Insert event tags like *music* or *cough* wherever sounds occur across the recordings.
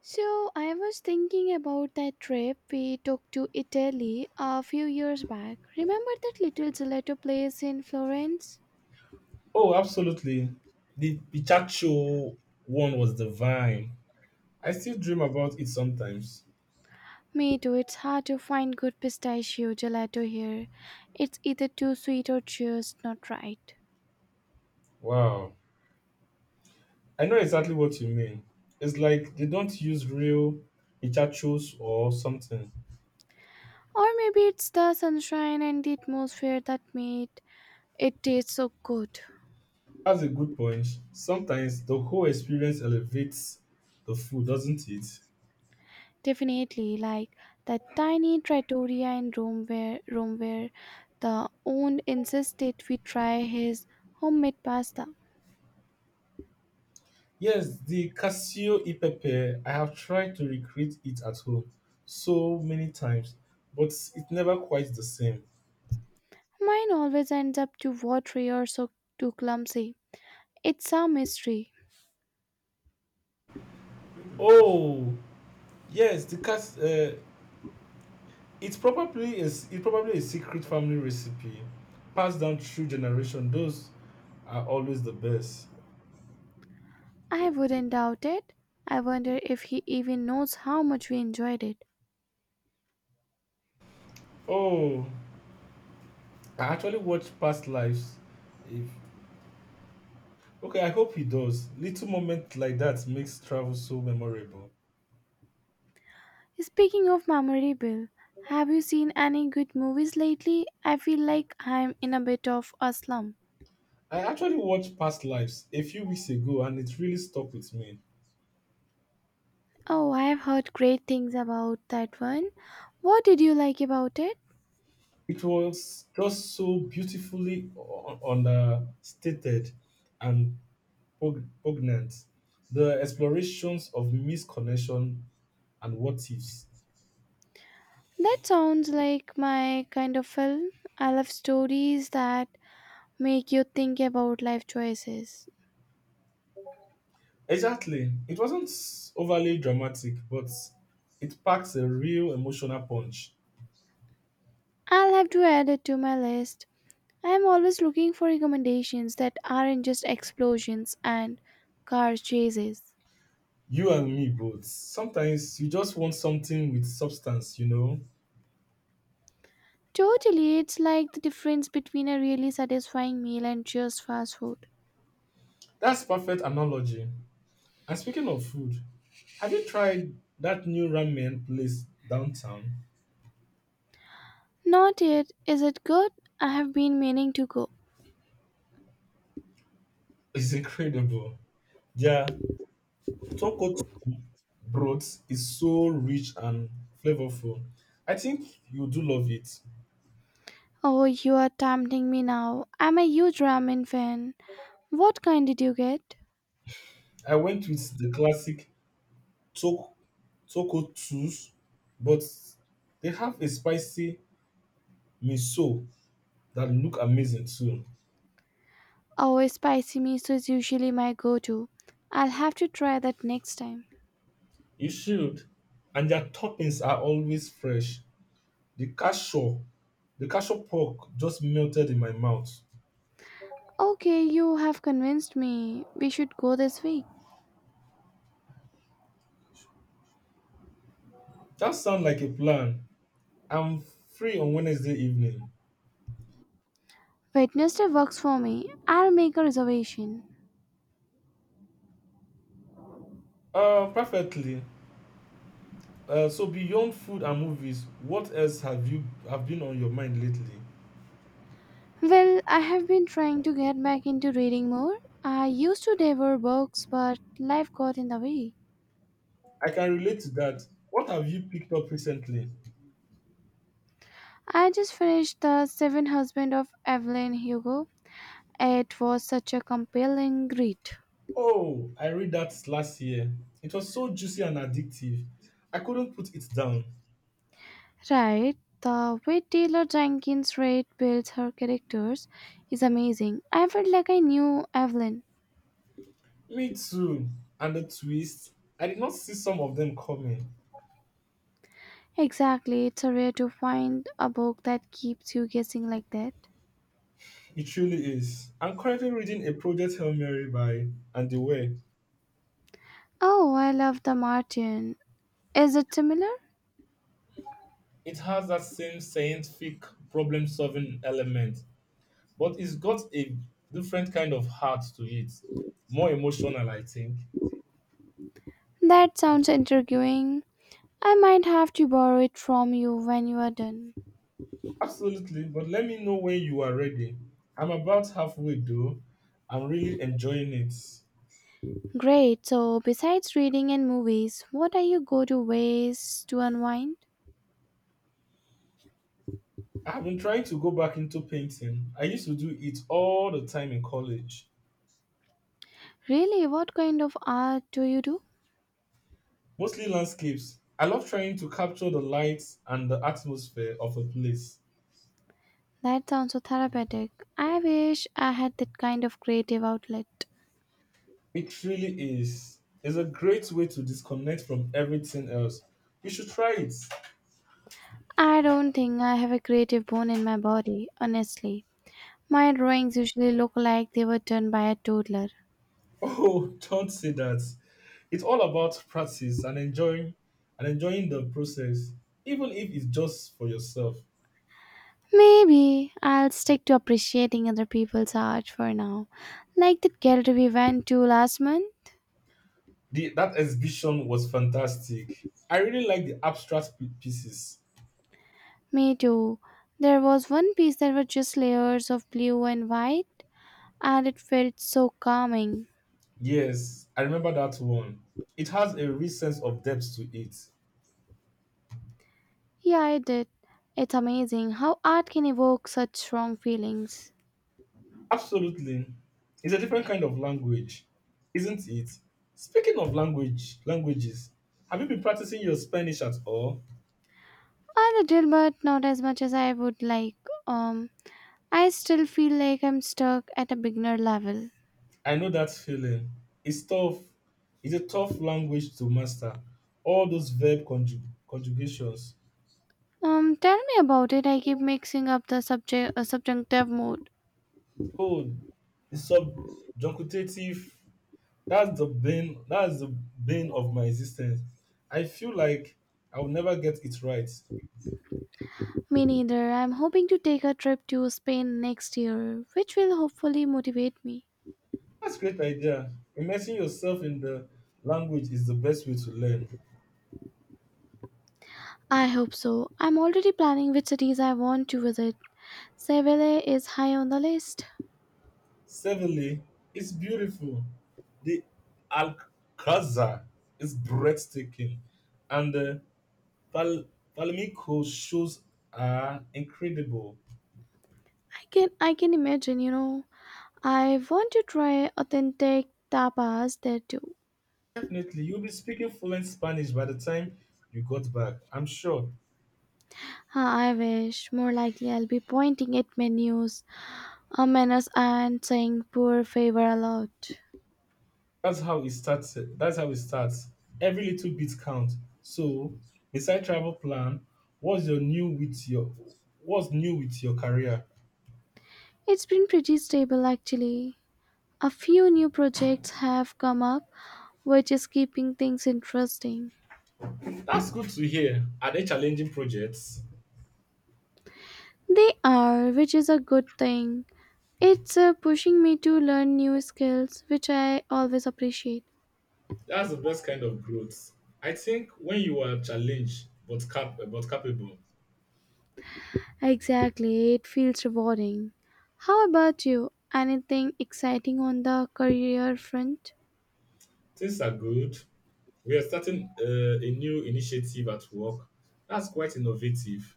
So, I was thinking about that trip we took to Italy a few years back. Remember that little gelato place in Florence? Oh, absolutely. The Pichacho one was divine. I still dream about it sometimes. Me too, it's hard to find good pistachio gelato here. It's either too sweet or just not right. Wow. I know exactly what you mean. It's like they don't use real Pichachos or something. Or maybe it's the sunshine and the atmosphere that made it taste so good. That's a good point. Sometimes the whole experience elevates the food, doesn't it? Definitely, like that tiny trattoria in Rome where the own insisted we try his homemade pasta. Yes, the Casio e Pepe, I have tried to recreate it at home so many times, but it's never quite the same. Mine always ends up too watery or so too clumsy. It's some mystery. Oh, yes, it's probably a secret family recipe passed down through generation. Those are always the best. I wouldn't doubt it. I wonder if he even knows how much we enjoyed it. Oh, I actually watched past lives. If okay, I hope he does. Little moment like that makes travel so memorable. Speaking of memorable, have you seen any good movies lately? I feel like I'm in a bit of a slump. I actually watched past lives a few weeks ago, and it really stuck with me. Oh, I've heard great things about that one. What did you like about it? It was just so understated and poignant. The explorations of misconnection and what ifs. That sounds like my kind of film. I love stories that make you think about life choices. Exactly. It wasn't overly dramatic, but it packs a real emotional punch. I'll have to add it to my list. I'm always looking for recommendations that aren't just explosions and car chases. You and me both. Sometimes you just want something with substance. Totally, it's like the difference between a really satisfying meal and just fast food. That's perfect analogy. And speaking of food, have you tried that new ramen place downtown? Not yet. Is it good? I have been meaning to go. It's incredible. Their toko broth is so rich and flavorful. I think you do love it. Oh, you are tempting me now. I'm a huge ramen fan. What kind did you get? I went with the classic to- tonkotsus, but they have a spicy miso that look amazing too. Oh, spicy miso is usually my go to. I'll have to try that next time. You should. And their toppings are always fresh. The cashew, the cashew pork just melted in my mouth. Okay, you have convinced me. We should go this week. That sounds like a plan. I'm free on Wednesday evening. Wednesday works for me. I'll make a reservation. Perfectly. So beyond food and movies, what else have been on your mind lately? Well, I have been trying to get back into reading more. I used to devour books, but life got in the way. I can relate to that. What have you picked up recently? I just finished The Seven Husbands of Evelyn Hugo. It was such a compelling read. Oh, I read that last year. It was so juicy and addictive. I couldn't put it down. Right, the way Taylor Jenkins Reid builds her characters is amazing. I felt like I knew Evelyn. Me too. And the twist, I did not see some of them coming. Exactly, it's a rare to find a book that keeps you guessing like that. It truly is. I'm currently reading a Project Hail Mary by Andy Weir. Oh, I love The Martian. Is it similar? It has that same scientific problem solving element, but it's got a different kind of heart to it. More emotional, I think. That sounds intriguing. I might have to borrow it from you when you are done. Absolutely, but let me know when you are ready. I'm about halfway though. I'm really enjoying it. Great, so besides reading and movies, what are your go to ways to unwind? I've been trying to go back into painting. I used to do it all the time in college, Really, what kind of art do you do? mostly landscapes. I love trying to capture the lights and the atmosphere of a place. That sounds so therapeutic. I wish I had that kind of creative outlet. It really is. It's a great way to disconnect from everything else. You should try it. I don't think I have a creative bone in my body, honestly. My drawings usually look like they were done by a toddler. Oh, *laughs* don't say that. It's all about practice and enjoying the process, even if it's just for yourself. Maybe I'll stick to appreciating other people's art for now. Like that gallery we went to last month. That exhibition was fantastic. I really like the abstract pieces. Me too. There was one piece that was just layers of blue and white, and it felt so calming. Yes, I remember that one. It has a real sense of depth to it. Yeah, it did. It's amazing how art can evoke such strong feelings. Absolutely. It's a different kind of language, isn't it? Speaking of languages, have you been practicing your Spanish at all? A little, but not as much as I would like. Um, I still feel like I'm stuck at a beginner level. I know that feeling. It's tough. It's a tough language to master. All those conjugations. Tell me about it. I keep mixing up the subject subjunctive mood. Oh, the subjunctive. That's the bane of my existence. I feel like I will never get it right. Me neither. I'm hoping to take a trip to Spain next year, which will hopefully motivate me. That's a great idea. Immersing yourself in the language is the best way to learn. I hope so. I'm already planning which cities I want to visit. Seville is high on the list. Sevenly, it's beautiful. The Alcazar is breathtaking, and Val- Valmico's shows are incredible. I can imagine, you know. I want to try authentic tapas there too. Definitely, you'll be speaking fluent Spanish by the time you got back. I'm sure. Ah, I wish. More likely I'll be pointing at menus and saying poor favor a lot. That's how it starts. Every little bit counts. So, beside travel plan, what's your new with your what's new with your career? It's been pretty stable actually. A few new projects have come up, which is keeping things interesting. That's good to hear. Are they challenging projects? They are, which is a good thing. It's pushing me to learn new skills, which I always appreciate. That's the best kind of growth. I think when you are challenged but capable, Exactly, it feels rewarding. How about you? Anything exciting on the career front? things are good. We are starting a new initiative at work that's quite innovative.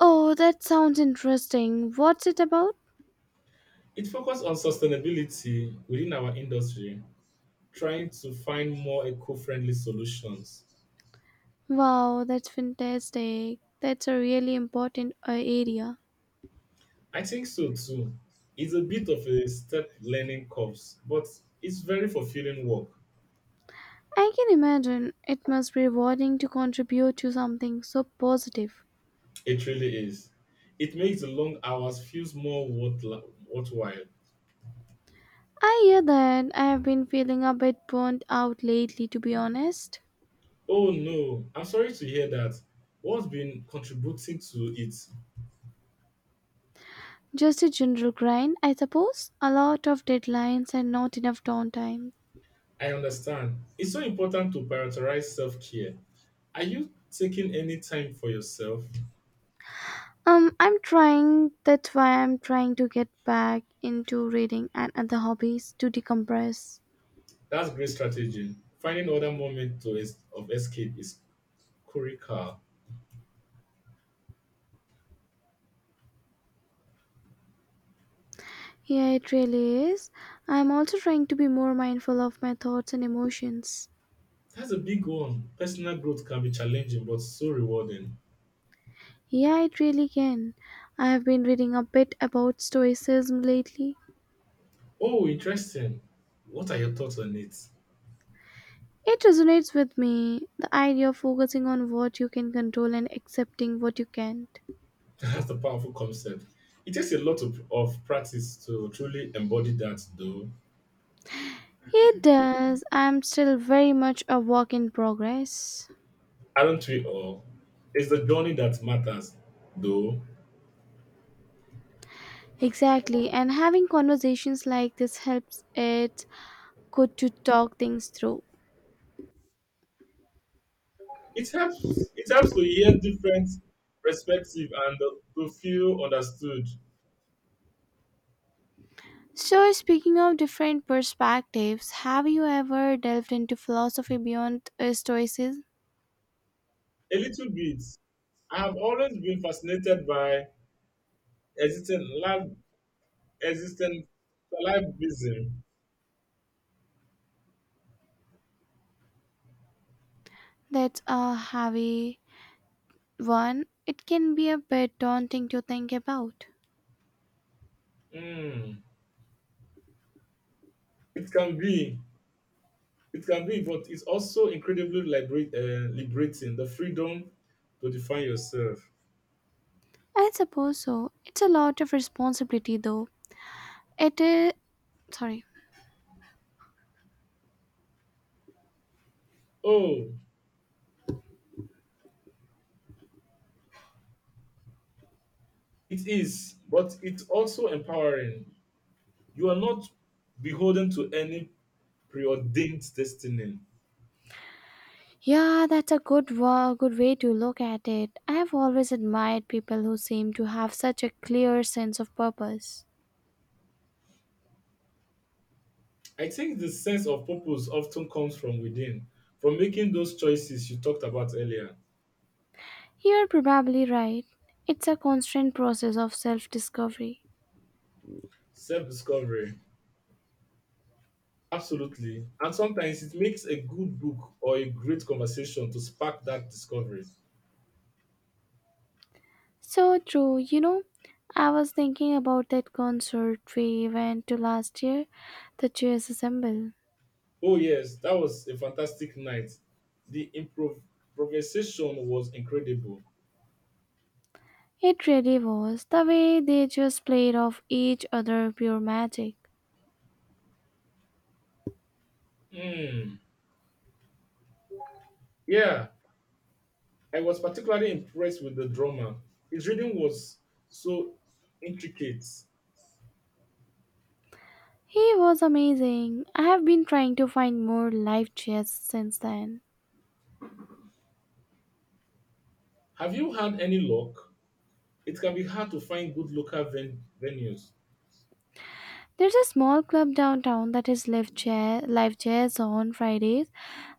Oh, that sounds interesting. What's it about? It focuses on sustainability within our industry, trying to find more eco friendly solutions. Wow, that's fantastic. That's a really important area. I think so too. It's a bit of a step learning curve, but it's very fulfilling work. I can imagine it must be rewarding to contribute to something so positive. It really is. It makes the long hours feels worthwhile. I hear that I have been feeling a bit burnt out lately, to be honest. Oh no, I'm sorry to hear that. What's been contributing to it? Just a general grind, I suppose. A lot of deadlines and not enough downtime. I understand. It's so important to prioritize self care. Are you taking any time for yourself? I'm trying, that's why I'm trying to get back into reading and other hobbies to decompress. That's great strategy. Finding other moments of escape is critical. Yeah, it really is. I'm also trying to be more mindful of my thoughts and emotions. That's a big one. Personal growth can be challenging but so rewarding. Yeah, it really can. I've been reading a bit about Stoicism lately. Oh, interesting. What are your thoughts on it? It resonates with me the idea of focusing on what you can control and accepting what you can't. *laughs* That's a powerful concept. It takes a lot of practice to truly embody that, though. It does. I'm still very much a work in progress. Aren't we all? It's the journey that matters, though. Exactly, and having conversations like this helps it good to talk things through. It helps. It helps to hear different perspective and to feel understood So, speaking of different perspectives, have you ever delved into philosophy beyond Stoicism? a little bit. I have always been fascinated by existing lab existing livism. That's a heavy one, it can be a bit daunting to think about. Mm. It can be, it can be, but it's also incredibly liberating. The freedom to define yourself. I suppose so. It's a lot of responsibility, though. It is. Sorry. Oh, it is, but it's also empowering. You are not beholden to any preordained destiny. Yeah, that's a good way to look at it. I have always admired people who seem to have such a clear sense of purpose. I think the sense of purpose often comes from within, from making those choices you talked about earlier. You're probably right. It's a constant process of self-discovery. Self discovery, absolutely. And sometimes it makes a good book or a great conversation to spark that discovery. So true. You know, I was thinking about that concert we went to last year, the Cheers Assemble. Oh, yes, that was a fantastic night. The improvisation was incredible. It really was the way they just played off each other pure magic. Hmm. Yeah, I was particularly impressed with the drama. His reading was so intricate. He was amazing. I have been trying to find more live jazz since then. Have you had any luck? It can be hard to find good venues. There's a small club downtown that is live jazz on Fridays,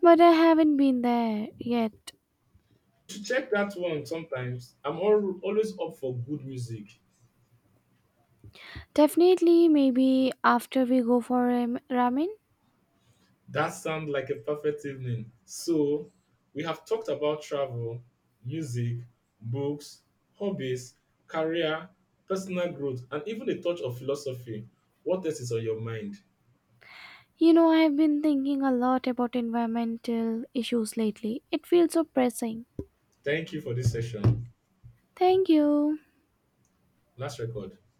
but I haven't been there yet. You should check that one sometimes. Always up for good music. Definitely, maybe after we go for ramen. That sounds like a perfect evening. So, we have talked about travel, music, books, hobbies, career, personal growth, and even a touch of philosophy. What else is on your mind? You know, I have been thinking a lot about environmental issues lately. It feels so pressing. Thank you for this session. Thank you. Last record.